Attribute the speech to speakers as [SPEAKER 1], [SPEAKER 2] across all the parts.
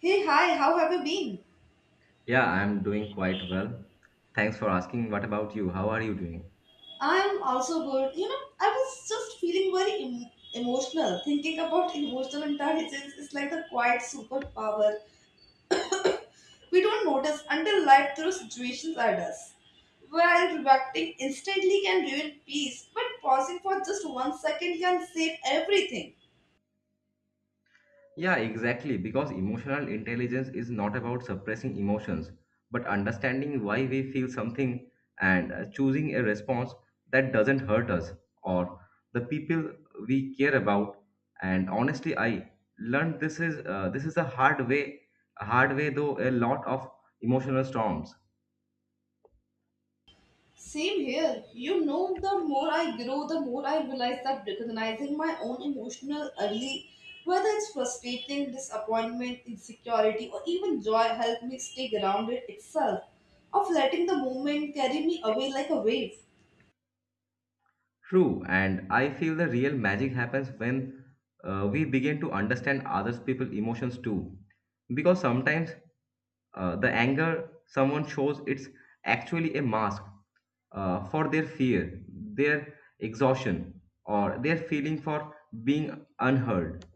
[SPEAKER 1] Hey, hi, how have you been?
[SPEAKER 2] Yeah, I'm doing quite well. Thanks for asking. What about you? How are you doing?
[SPEAKER 1] I'm also good. You know, I was just feeling very emotional. Thinking about emotional intelligence is like a quiet superpower we don't notice until life throws situations at us. While reacting instantly can ruin peace, but pausing for just 1 second can save everything.
[SPEAKER 2] Yeah, exactly. Because emotional intelligence is not about suppressing emotions, but understanding why we feel something and choosing a response that doesn't hurt us or the people we care about. And honestly, I learned this is a hard way though a lot of emotional storms.
[SPEAKER 1] Same here. You know, the more I grow, the more I realize that recognizing my own emotional early, whether it's frustrating, disappointment, insecurity, or even joy, help me stay grounded itself, of letting the moment carry me away like a wave.
[SPEAKER 2] True, and I feel the real magic happens when we begin to understand others people's emotions too. Because sometimes the anger someone shows it's actually a mask for their fear, their exhaustion, or their feeling for being unheard.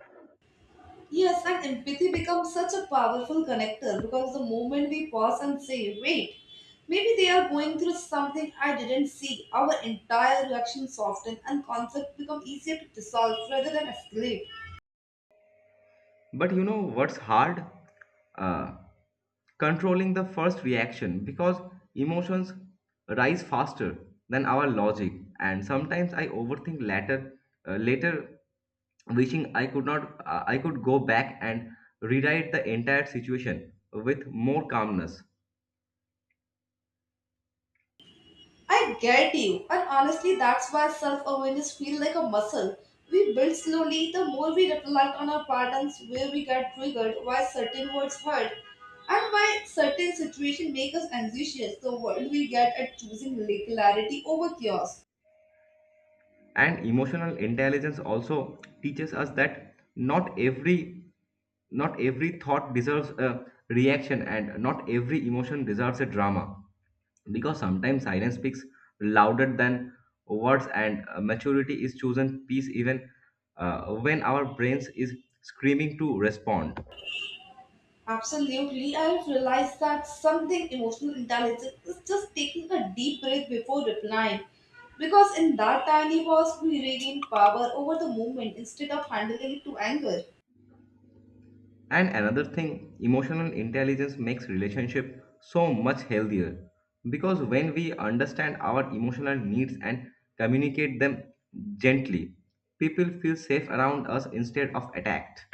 [SPEAKER 1] Yes, and empathy becomes such a powerful connector because the moment we pause and say, wait, maybe they are going through something I didn't see, our entire reaction softens and conflict become easier to dissolve rather than escalate.
[SPEAKER 2] But you know what's hard? Uh, Controlling the first reaction because emotions rise faster than our logic, and sometimes I overthink later. Later, wishing I could not, I could go back and rewrite the entire situation with more calmness.
[SPEAKER 1] I get you, and honestly, that's why self awareness feels like a muscle. We build slowly the more we reflect on our patterns, where we get triggered, why certain words hurt, and why certain situations make us anxious. The world we get at choosing clarity over chaos.
[SPEAKER 2] And emotional intelligence also teaches us that not every thought deserves a reaction and not every emotion deserves a drama, because sometimes silence speaks louder than words, and maturity is chosen peace even when our brains is screaming to respond.
[SPEAKER 1] Absolutely, I have realized that something emotional intelligence is just taking a deep breath before replying. Because in that tiny pause, we regain power over the moment instead of handling it to anger.
[SPEAKER 2] And another thing, emotional intelligence makes relationship so much healthier, because when we understand our emotional needs and communicate them gently, people feel safe around us instead of attacked.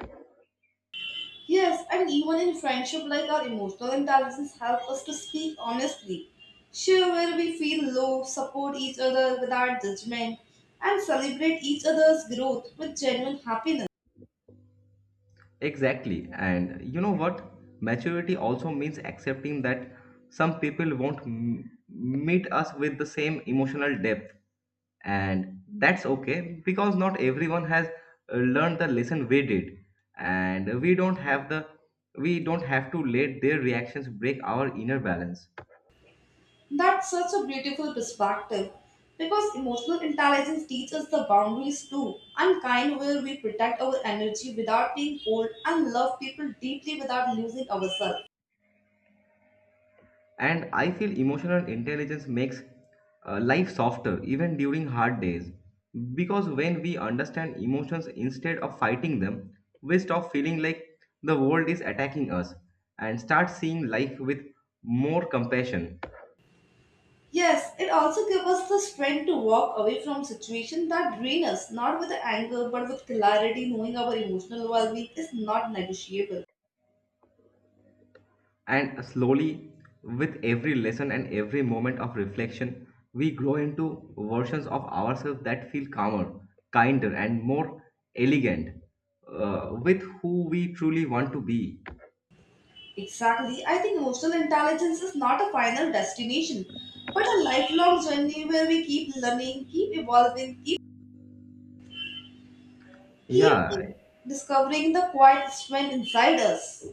[SPEAKER 1] Yes, and even in friendship, like our emotional intelligence help us to speak honestly, share where we feel low, support each other without judgment, and celebrate each other's growth with genuine happiness.
[SPEAKER 2] Exactly. And you know what? Maturity also means accepting that some people won't meet us with the same emotional depth. And that's okay because not everyone has learned the lesson we did. And we don't have to let their reactions break our inner balance.
[SPEAKER 1] That's such a beautiful perspective because emotional intelligence teaches the boundaries too, and kind where we protect our energy without being cold and love people deeply without losing ourselves.
[SPEAKER 2] And I feel emotional intelligence makes life softer even during hard days. Because when we understand emotions instead of fighting them, we stop feeling like the world is attacking us and start seeing life with more compassion.
[SPEAKER 1] Yes, it also gives us the strength to walk away from situations that drain us, not with anger but with clarity, knowing our emotional well being is not negotiable.
[SPEAKER 2] And slowly, with every lesson and every moment of reflection, we grow into versions of ourselves that feel calmer, kinder, and more elegant with who we truly want to be.
[SPEAKER 1] Exactly, I think emotional intelligence is not a final destination but a lifelong journey where we keep learning, keep evolving, keep, keep
[SPEAKER 2] Yeah,
[SPEAKER 1] discovering the quiet strength inside us.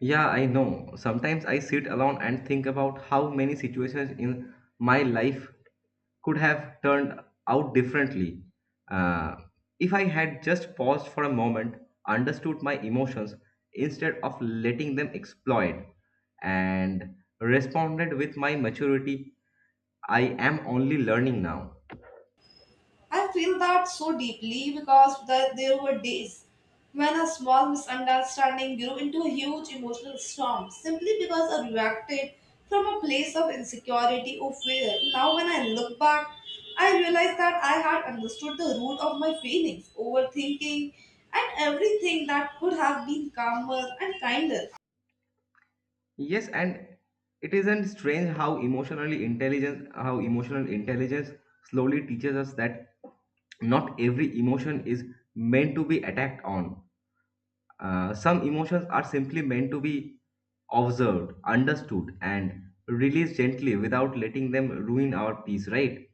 [SPEAKER 2] yeah, I know. Sometimes I sit alone and think about how many situations in my life could have turned out differently. Uh, if I had just paused for a moment, understood my emotions instead of letting them explode, and responded with my maturity, I am only learning now.
[SPEAKER 1] I feel that so deeply because that there were days when a small misunderstanding grew into a huge emotional storm simply because I reacted from a place of insecurity or fear. Now, when I look back, I realize that I had understood the root of my feelings, overthinking, and everything that could have been calmer and kinder.
[SPEAKER 2] Yes, and it isn't strange how emotional intelligence slowly teaches us that not every emotion is meant to be attacked on. Some emotions are simply meant to be observed, understood, and released gently without letting them ruin our peace, right?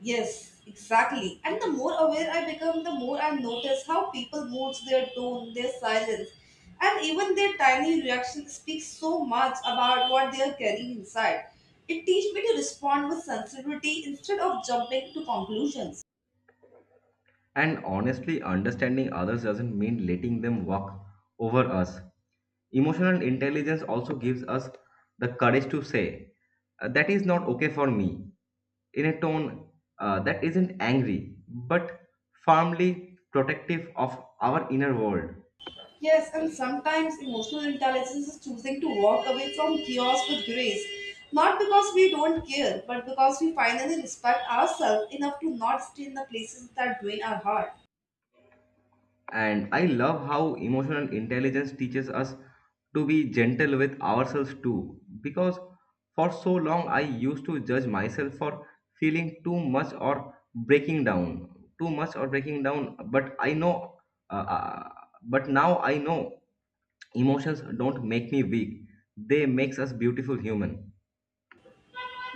[SPEAKER 1] Yes, exactly. And the more aware I become, the more I notice how people moves their tone, their silence, and even their tiny reaction speaks so much about what they are carrying inside. It teaches me to respond with sensitivity instead of jumping to conclusions.
[SPEAKER 2] And honestly, understanding others doesn't mean letting them walk over us. Emotional intelligence also gives us the courage to say, That is not okay for me," in a tone that isn't angry, but firmly protective of our inner world.
[SPEAKER 1] Yes, and sometimes emotional intelligence is choosing to walk away from chaos with grace. Not because we don't care, but because we finally respect ourselves enough to not stay in the places that drain our heart.
[SPEAKER 2] And I love how emotional intelligence teaches us to be gentle with ourselves too. Because for so long, I used to judge myself for feeling too much or breaking down, too much or breaking down. Uh, uh, but now I know emotions don't make me weak, they makes us beautiful human.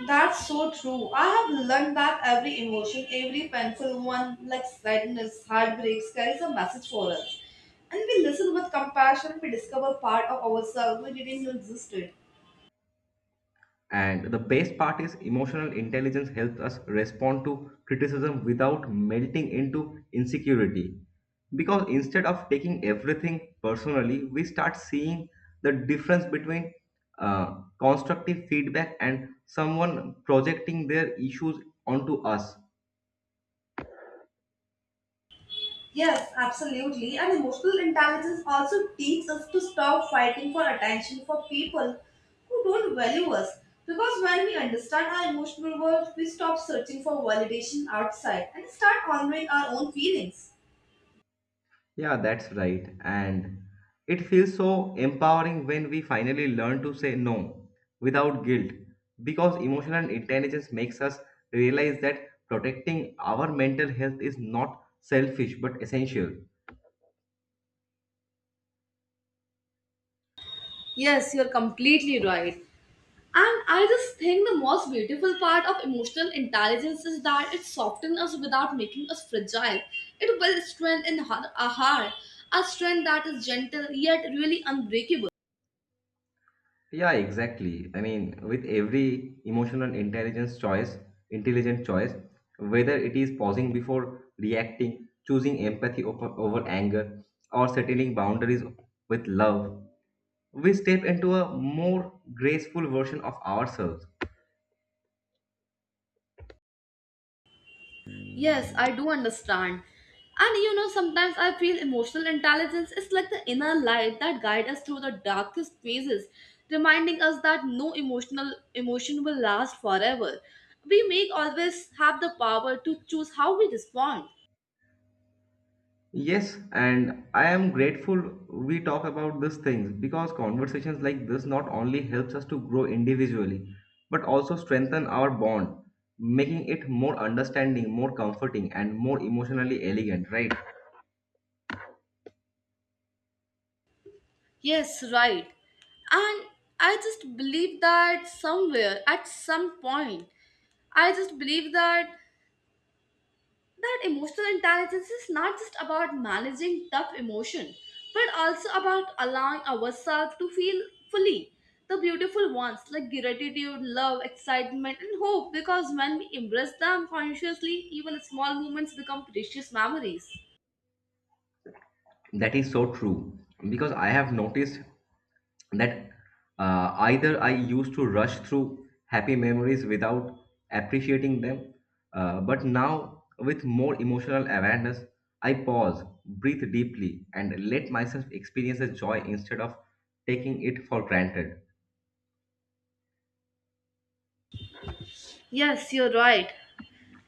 [SPEAKER 1] That's so true. I have learned that every emotion, every painful one, like sadness, heartbreaks, carries a message for us. And we listen with compassion, we discover part of ourselves we didn't know existed.
[SPEAKER 2] And the best part is emotional intelligence helps us respond to criticism without melting into insecurity. Because instead of taking everything personally, we start seeing the difference between constructive feedback and someone projecting their issues onto us.
[SPEAKER 1] Yes, absolutely. And emotional intelligence also teaches us to stop fighting for attention for people who don't value us. Because when we understand our emotional world, we stop searching for validation outside and start honoring our own feelings.
[SPEAKER 2] Yeah, that's right. And it feels so empowering when we finally learn to say no without guilt, because emotional intelligence makes us realize that protecting our mental health is not selfish but essential.
[SPEAKER 1] Yes, you're completely right. And I just think the most beautiful part of emotional intelligence is that it softens us without making us fragile. It builds strength in our heart, a strength that is gentle yet really unbreakable.
[SPEAKER 2] Yeah, exactly. I mean, with every intelligent choice, whether it is pausing before reacting, choosing empathy over anger, or settling boundaries with love, we step into a more graceful version of ourselves.
[SPEAKER 1] Yes, I do understand. And you know, sometimes I feel emotional intelligence is like the inner light that guides us through the darkest phases, reminding us that no emotional emotion will last forever. We may always have the power to choose how we respond.
[SPEAKER 2] Yes, and I am grateful we talk about these things because conversations like this not only helps us to grow individually but also strengthen our bond, making it more understanding, more comforting and more emotionally elegant, right?
[SPEAKER 1] Yes, right. And I just believe that somewhere, at some point, I just believe that emotional intelligence is not just about managing tough emotion, but also about allowing ourselves to feel fully the beautiful ones like gratitude, love, excitement, and hope. Because when we embrace them consciously, even small moments become precious memories.
[SPEAKER 2] That is so true because I have noticed that either I used to rush through happy memories without appreciating them, but now with more emotional awareness, I pause, breathe deeply, and let myself experience the joy instead of taking it for granted.
[SPEAKER 1] Yes, you're right.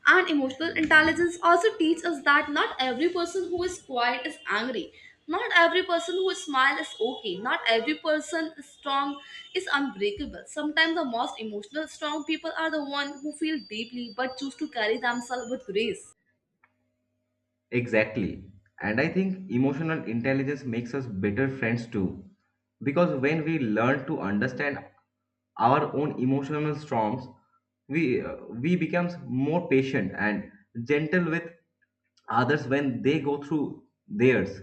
[SPEAKER 1] And emotional intelligence also teaches us that not every person who is quiet is angry. Not every person who smiles is okay. Not every person is strong is unbreakable. Sometimes the most emotional strong people are the one who feel deeply but choose to carry themselves with grace.
[SPEAKER 2] Exactly. And I think emotional intelligence makes us better friends too. Because when we learn to understand our own emotional storms, we becomes more patient and gentle with others when they go through theirs.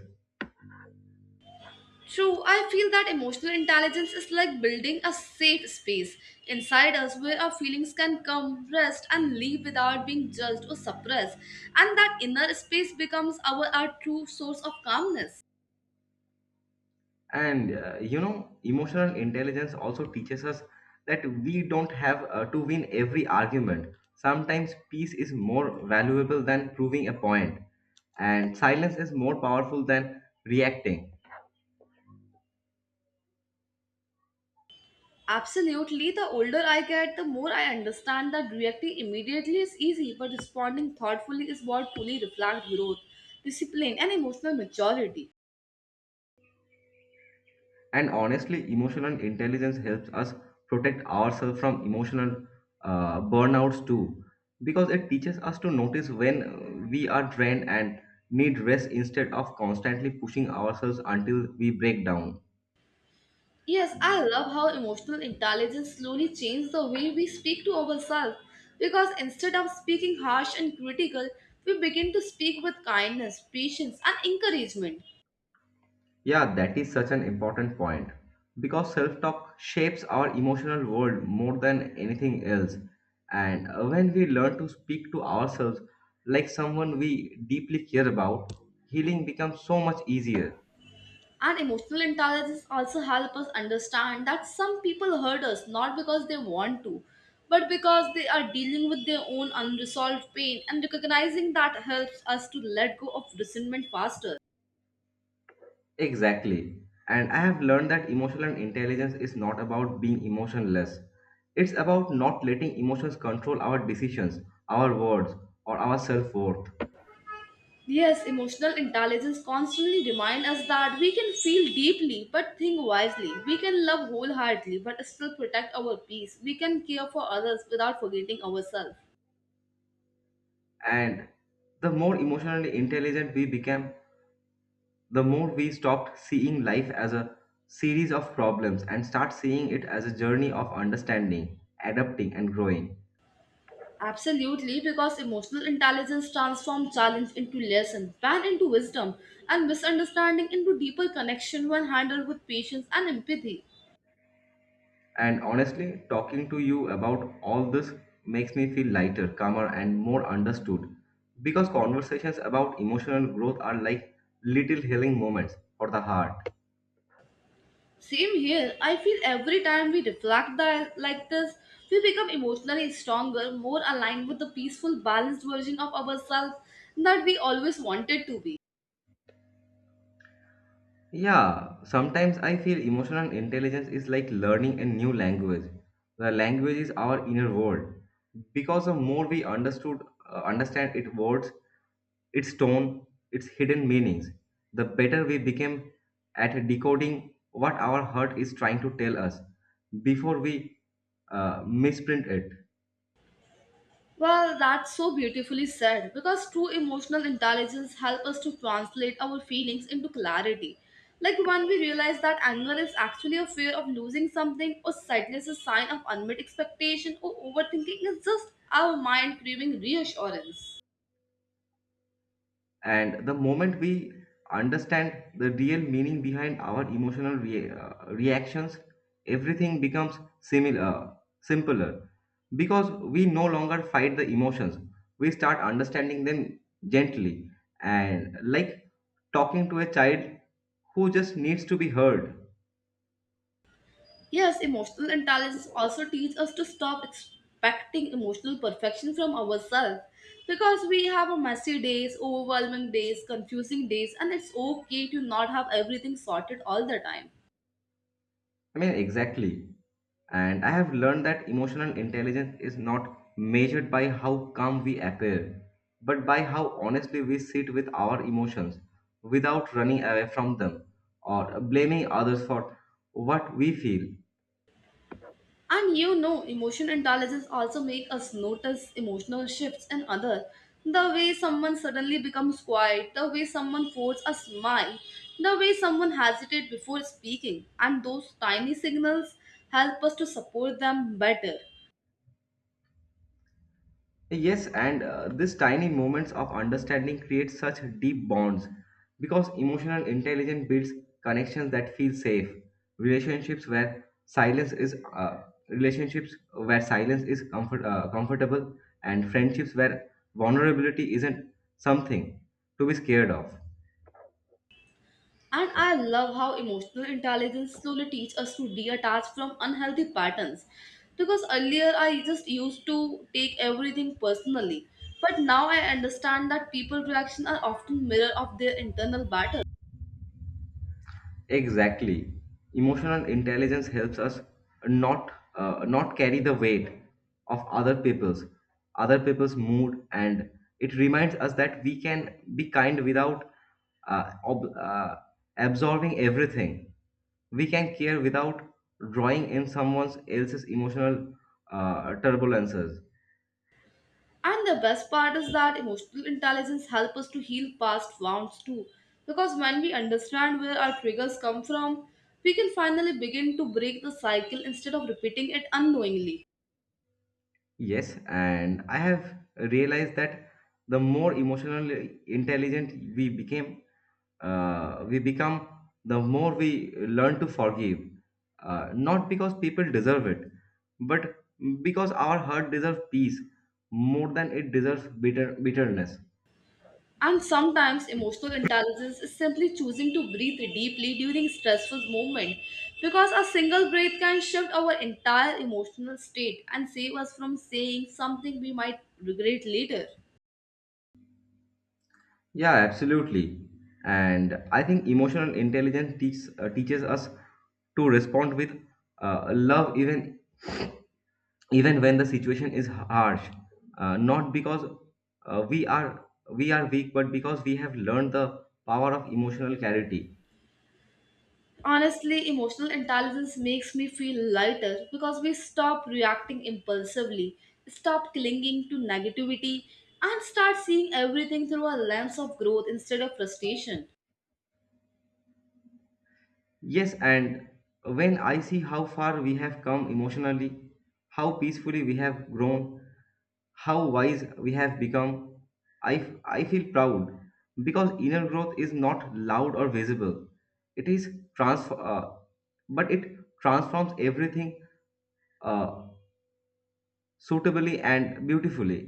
[SPEAKER 1] True, I feel that emotional intelligence is like building a safe space inside us where our feelings can come, rest, and leave without being judged or suppressed. And that inner space becomes our true source of calmness.
[SPEAKER 2] And you know, emotional intelligence also teaches us that we don't have to win every argument. Sometimes peace is more valuable than proving a point, and silence is more powerful than reacting.
[SPEAKER 1] Absolutely, the older I get, the more I understand that reacting immediately is easy, but responding thoughtfully is what truly reflects growth, discipline, and emotional maturity.
[SPEAKER 2] And honestly, emotional intelligence helps us protect ourselves from emotional burnouts too, because it teaches us to notice when we are drained and need rest instead of constantly pushing ourselves until we break down.
[SPEAKER 1] Yes, I love how emotional intelligence slowly changes the way we speak to ourselves because instead of speaking harsh and critical, we begin to speak with kindness, patience, and encouragement.
[SPEAKER 2] Yeah, that is such an important point because self talk shapes our emotional world more than anything else. And when we learn to speak to ourselves like someone we deeply care about, healing becomes so much easier.
[SPEAKER 1] And emotional intelligence also help us understand that some people hurt us not because they want to, but because they are dealing with their own unresolved pain, and recognizing that helps us to let go of resentment faster.
[SPEAKER 2] Exactly. And I have learned that emotional intelligence is not about being emotionless, it's about not letting emotions control our decisions, our words, or our self worth.
[SPEAKER 1] Yes, emotional intelligence constantly reminds us that we can feel deeply but think wisely. We can love wholeheartedly but still protect our peace. We can care for others without forgetting ourselves.
[SPEAKER 2] And the more emotionally intelligent we become, the more we stopped seeing life as a series of problems and start seeing it as a journey of understanding, adapting, and growing.
[SPEAKER 1] Absolutely, because emotional intelligence transforms challenge into lesson, pain into wisdom, and misunderstanding into deeper connection when handled with patience and empathy.
[SPEAKER 2] And honestly, talking to you about all this makes me feel lighter, calmer, and more understood, because conversations about emotional growth are like little healing moments for the heart.
[SPEAKER 1] Same here, I feel every time we reflect that, like this, we become emotionally stronger, more aligned with the peaceful, balanced version of ourselves that we always wanted to be.
[SPEAKER 2] Yeah, sometimes I feel emotional intelligence is like learning a new language. The language is our inner world. Because the more understand its words, its tone, its hidden meanings, the better we become at decoding what our heart is trying to tell us before we misprint it.
[SPEAKER 1] Well, that's so beautifully said because true emotional intelligence helps us to translate our feelings into clarity. Like when we realize that anger is actually a fear of losing something, or sadness is a sign of unmet expectation, or overthinking is just our mind craving reassurance.
[SPEAKER 2] And the moment we understand the real meaning behind our emotional reactions, everything becomes similar, simpler. Because we no longer fight the emotions, we start understanding them gently, and like talking to a child who just needs to be heard.
[SPEAKER 1] Yes, emotional intelligence also teaches us to stop expecting emotional perfection from ourselves because we have a messy days, overwhelming days, confusing days, and it's okay to not have everything sorted all the time.
[SPEAKER 2] I mean, exactly. And I have learned that emotional intelligence is not measured by how calm we appear, but by how honestly we sit with our emotions without running away from them or blaming others for what we feel.
[SPEAKER 1] And you know, emotion intelligence also make us notice emotional shifts in other. The way someone suddenly becomes quiet, the way someone forces a smile, the way someone hesitates before speaking, and those tiny signals help us to support them better.
[SPEAKER 2] Yes, and these tiny moments of understanding create such deep bonds, because emotional intelligence builds connections that feel safe, relationships where silence is uh, relationships where silence is comfortable, and friendships where vulnerability isn't something to be scared of.
[SPEAKER 1] And I love how emotional intelligence slowly teaches us to detach from unhealthy patterns. Because earlier I just used to take everything personally, but now I understand that people reactions are often mirror of their internal battle.
[SPEAKER 2] Exactly. Emotional intelligence helps us not not carry the weight of other people's mood, and it reminds us that we can be kind without uh, ob- uh, absorbing everything. We can care without drawing in someone else's emotional turbulences.
[SPEAKER 1] And the best part is that emotional intelligence helps us to heal past wounds too. Because when we understand where our triggers come from, we can finally begin to break the cycle instead of repeating it unknowingly.
[SPEAKER 2] Yes, and I have realized that the more emotionally intelligent we became, we become, the more we learn to forgive. Not because people deserve it, but because our heart deserves peace more than it deserves bitterness.
[SPEAKER 1] And sometimes emotional intelligence is simply choosing to breathe deeply during stressful moments because a single breath can shift our entire emotional state and save us from saying something we might regret later.
[SPEAKER 2] Yeah, absolutely. And I think emotional intelligence teaches us to respond with love even when the situation is harsh, not because uh, we are we are weak, but because we have learned the power of emotional clarity.
[SPEAKER 1] Honestly, emotional intelligence makes me feel lighter because we stop reacting impulsively, stop clinging to negativity, and start seeing everything through a lens of growth instead of frustration.
[SPEAKER 2] Yes, and when I see how far we have come emotionally, how peacefully we have grown, how wise we have become, I feel proud, because inner growth is not loud or visible. It is trans But it transforms everything uh, suitably and beautifully.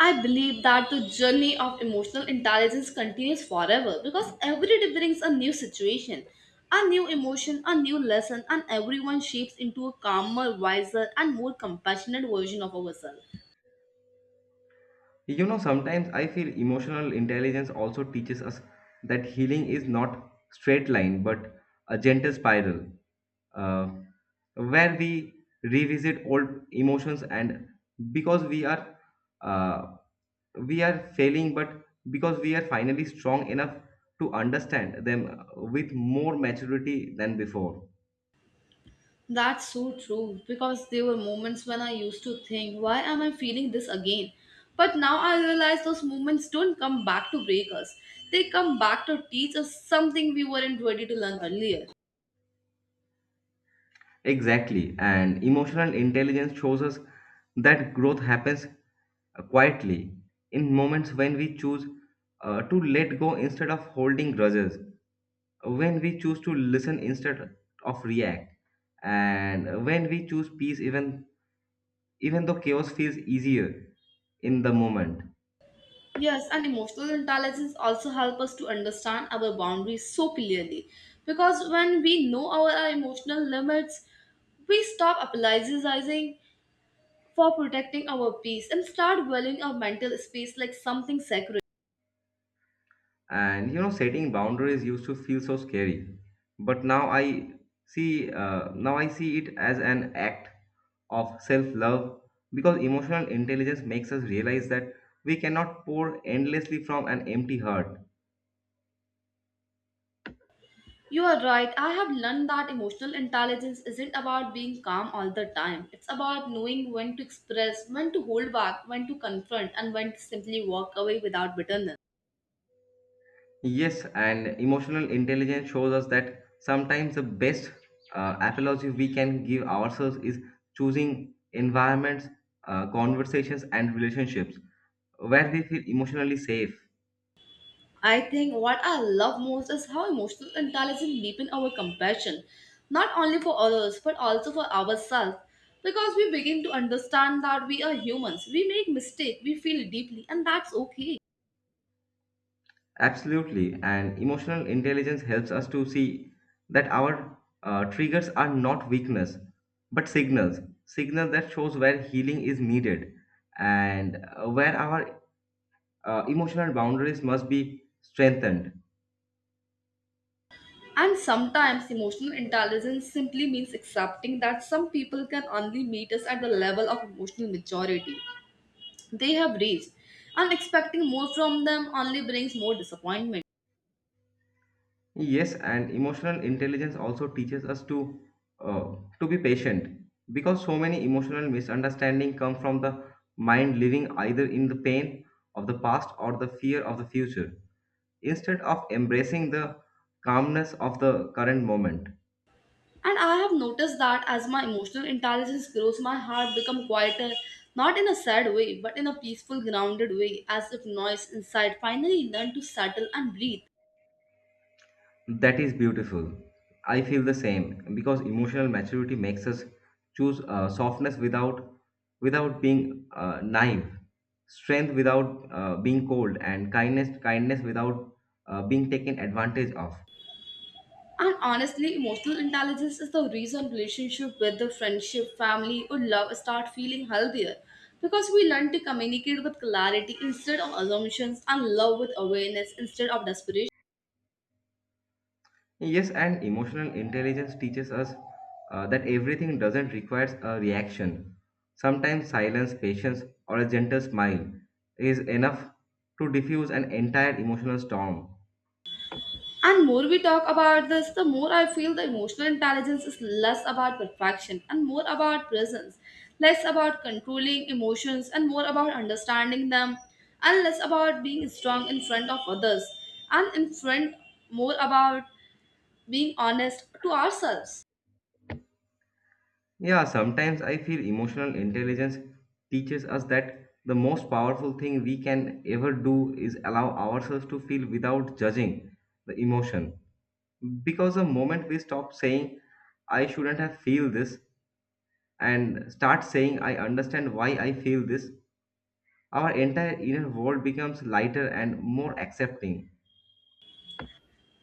[SPEAKER 1] I believe that the journey of emotional intelligence continues forever because every day brings a new situation, a new emotion, a new lesson, and everyone shapes into a calmer, wiser, and more compassionate version of ourselves.
[SPEAKER 2] You know, sometimes I feel emotional intelligence also teaches us that healing is not straight line but a gentle spiral, uh, where we revisit old emotions and, because uh, we are failing, but because we are finally strong enough to understand them with more maturity than before.
[SPEAKER 1] That's so true because there were moments when I used to think, why am I feeling this again? But now I realize those moments don't come back to break us, they come back to teach us something we weren't ready to learn earlier.
[SPEAKER 2] Exactly, and emotional intelligence shows us that growth happens quietly, in moments when we choose to let go instead of holding grudges, when we choose to listen instead of react, and when we choose peace even though chaos feels easier in the moment.
[SPEAKER 1] Yes, and emotional intelligence also help us to understand our boundaries so clearly. Because when we know our emotional limits, we stop apologizing for protecting our peace and start valuing our mental space like something sacred.
[SPEAKER 2] And you know, setting boundaries used to feel so scary, but now I see it as an act of self-love, because emotional intelligence makes us realize that we cannot pour endlessly from an empty heart.
[SPEAKER 1] You are right, I have learned that emotional intelligence isn't about being calm all the time. It's about knowing when to express, when to hold back, when to confront, and when to simply walk away without bitterness.
[SPEAKER 2] Yes, and emotional intelligence shows us that sometimes the best apology we can give ourselves is choosing environments, conversations, and relationships where we feel emotionally safe.
[SPEAKER 1] I think what I love most is how emotional intelligence deepens our compassion, not only for others but also for ourselves. Because we begin to understand that we are humans, we make mistakes, we feel deeply, and that's okay.
[SPEAKER 2] Absolutely, and emotional intelligence helps us to see that our triggers are not weakness but signals, signals that shows where healing is needed, and where our emotional boundaries must be strengthened.
[SPEAKER 1] And sometimes emotional intelligence simply means accepting that some people can only meet us at the level of emotional maturity they have reached, and expecting more from them only brings more disappointment.
[SPEAKER 2] Yes, and emotional intelligence also teaches us to be patient because so many emotional misunderstanding come from the mind living either in the pain of the past or the fear of the future instead of embracing the calmness of the current moment.
[SPEAKER 1] And I have noticed that as my emotional intelligence grows, my heart becomes quieter, not in a sad way, but in a peaceful, grounded way, as if noise inside finally learned to settle and breathe.
[SPEAKER 2] That is beautiful. I feel the same because emotional maturity makes us choose softness without being naive, strength without being cold, and kindness without being taken advantage of.
[SPEAKER 1] And honestly, emotional intelligence is the reason relationship, whether friendship, family, or love, start feeling healthier. Because we learn to communicate with clarity instead of assumptions and love with awareness instead of desperation.
[SPEAKER 2] Yes, and emotional intelligence teaches us that everything doesn't requires a reaction. Sometimes silence, patience, or a gentle smile is enough to diffuse an entire emotional storm.
[SPEAKER 1] And more we talk about this, the more I feel the emotional intelligence is less about perfection and more about presence, less about controlling emotions and more about understanding them, and less about being strong in front of others and in front more about being honest to ourselves.
[SPEAKER 2] Yeah, sometimes I feel emotional intelligence teaches us that the most powerful thing we can ever do is allow ourselves to feel without judging the emotion. Because the moment we stop saying, I shouldn't have feel this, and start saying, I understand why I feel this, our entire inner world becomes lighter and more accepting.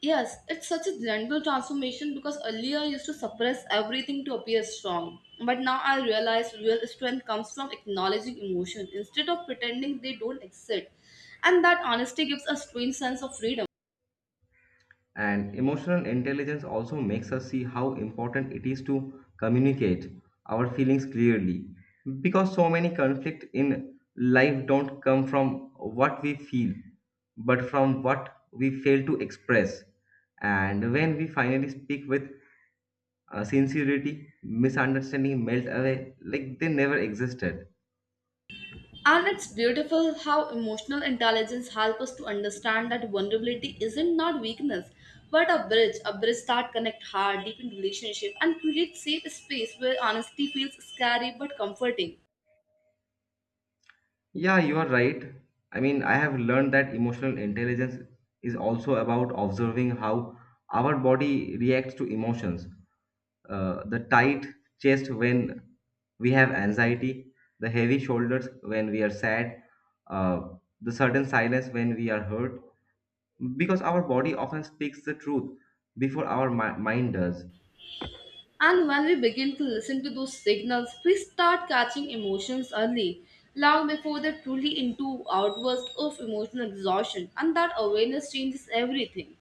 [SPEAKER 1] Yes, it's such a gentle transformation because earlier I used to suppress everything to appear strong. But now I realize real strength comes from acknowledging emotion instead of pretending they don't exist. And that honesty gives a strange sense of freedom.
[SPEAKER 2] And emotional intelligence also makes us see how important it is to communicate our feelings clearly because so many conflict in life don't come from what we feel but from what we fail to express, and when we finally speak with sincerity, misunderstanding melt away like they never existed.
[SPEAKER 1] And it's beautiful how emotional intelligence helps us to understand that vulnerability isn't not weakness, but a bridge that connects heart, deepen relationship, and creates safe space where honesty feels scary but comforting.
[SPEAKER 2] Yeah, you are right. I mean, I have learned that emotional intelligence is also about observing how our body reacts to emotions. The tight chest when we have anxiety, the heavy shoulders when we are sad, uh, the sudden silence when we are hurt. Because our body often speaks the truth before our mind does.
[SPEAKER 1] And when we begin to listen to those signals, we start catching emotions early, long before they're truly into outbursts of emotional exhaustion, and that awareness changes everything.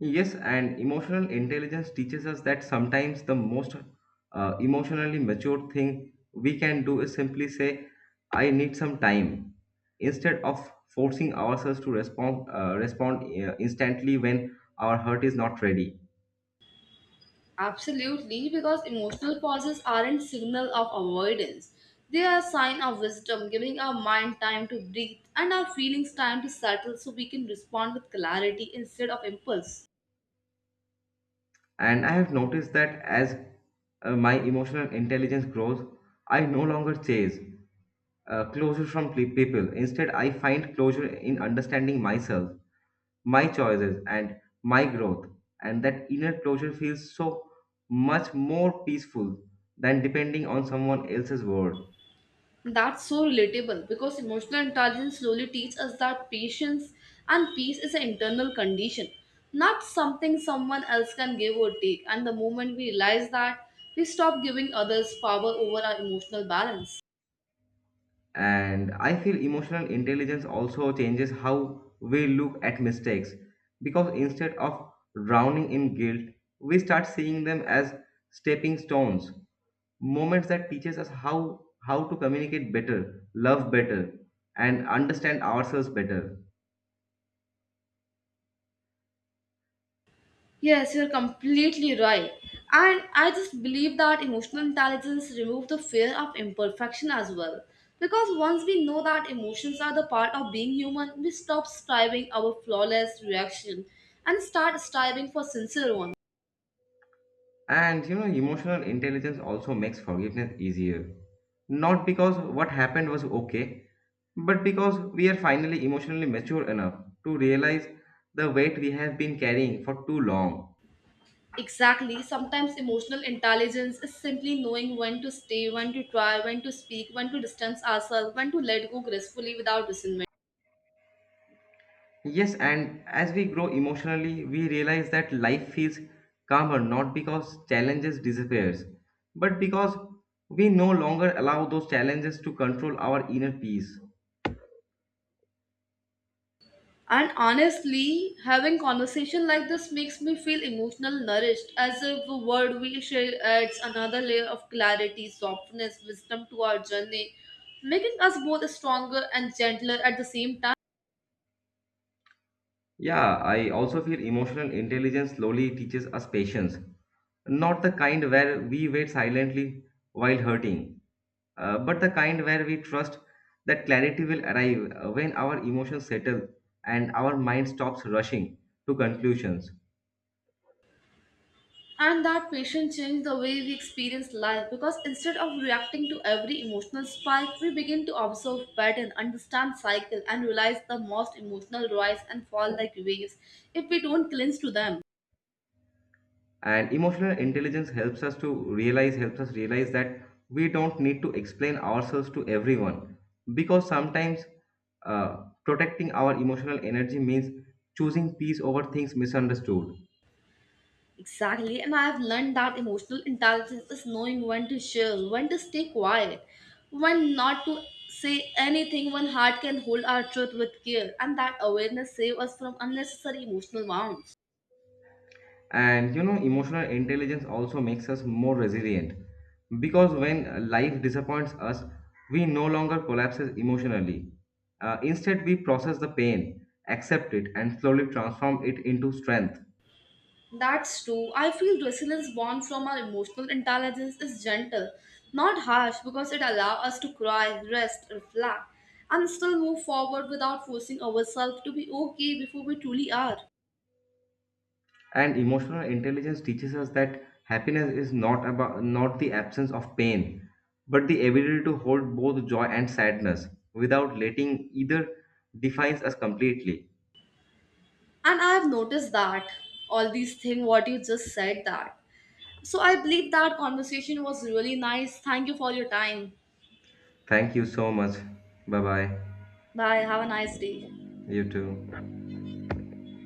[SPEAKER 2] Yes, and emotional intelligence teaches us that sometimes the most emotionally mature thing we can do is simply say, I need some time, instead of forcing ourselves to respond, instantly when our heart is not ready.
[SPEAKER 1] Absolutely, because emotional pauses aren't signal of avoidance. They are a sign of wisdom, giving our mind time to breathe and our feelings time to settle so we can respond with clarity instead of impulse.
[SPEAKER 2] And I have noticed that as my emotional intelligence grows, I no longer chase closure from people. Instead, I find closure in understanding myself, my choices, and my growth. And that inner closure feels so much more peaceful than depending on someone else's word.
[SPEAKER 1] That's so relatable because emotional intelligence slowly teaches us that patience and peace is an internal condition, not something someone else can give or take. And the moment we realize that, we stop giving others power over our emotional balance.
[SPEAKER 2] And I feel emotional intelligence also changes how we look at mistakes because instead of drowning in guilt we start seeing them as stepping stones, moments that teaches us how to communicate better, love better, and understand ourselves better.
[SPEAKER 1] Yes, you're completely right. And I just believe that emotional intelligence removes the fear of imperfection as well. Because once we know that emotions are the part of being human, we stop striving our flawless reaction and start striving for sincere one.
[SPEAKER 2] And you know emotional intelligence also makes forgiveness easier, not because what happened was okay, but because we are finally emotionally mature enough to realize the weight we have been carrying for too long.
[SPEAKER 1] Exactly, sometimes emotional intelligence is simply knowing when to stay, when to try, when to speak, when to distance ourselves, when to let go gracefully without resentment.
[SPEAKER 2] Yes, and as we grow emotionally, we realize that life feels calmer not because challenges disappears, but because we no longer allow those challenges to control our inner peace.
[SPEAKER 1] And honestly, having conversation like this makes me feel emotional nourished, as if the word we share adds another layer of clarity, softness, wisdom to our journey, making us both stronger and gentler at the same time.
[SPEAKER 2] Yeah, I also feel emotional intelligence slowly teaches us patience, not the kind where we wait silently while hurting, but the kind where we trust that clarity will arrive when our emotions settle and our mind stops rushing to conclusions.
[SPEAKER 1] And that patience changed the way we experience life because instead of reacting to every emotional spike, we begin to observe pattern, understand cycle, and realize the most emotional rise and fall like waves if we don't cling to them.
[SPEAKER 2] And emotional intelligence helps us realize that we don't need to explain ourselves to everyone because sometimes uh, protecting our emotional energy means choosing peace over things misunderstood.
[SPEAKER 1] Exactly, and I've learned that emotional intelligence is knowing when to chill, when to stay quiet, when not to say anything, when heart can hold our truth with care, and that awareness saves us from unnecessary emotional wounds.
[SPEAKER 2] And you know emotional intelligence also makes us more resilient because when life disappoints us we no longer collapses emotionally. Instead we process the pain, accept it, and slowly transform it into strength.
[SPEAKER 1] That's true. I feel resilience born from our emotional intelligence is gentle, not harsh, because it allows us to cry, rest, reflect, and still move forward without forcing ourselves to be okay before we truly are.
[SPEAKER 2] And emotional intelligence teaches us that happiness is not about not the absence of pain, but the ability to hold both joy and sadness without letting either defines us completely.
[SPEAKER 1] And I have noticed that all these things what you just said, that, so I believe that conversation was really nice. Thank you for your time.
[SPEAKER 2] Thank you so much. Bye bye.
[SPEAKER 1] Bye, have a nice day.
[SPEAKER 2] You too.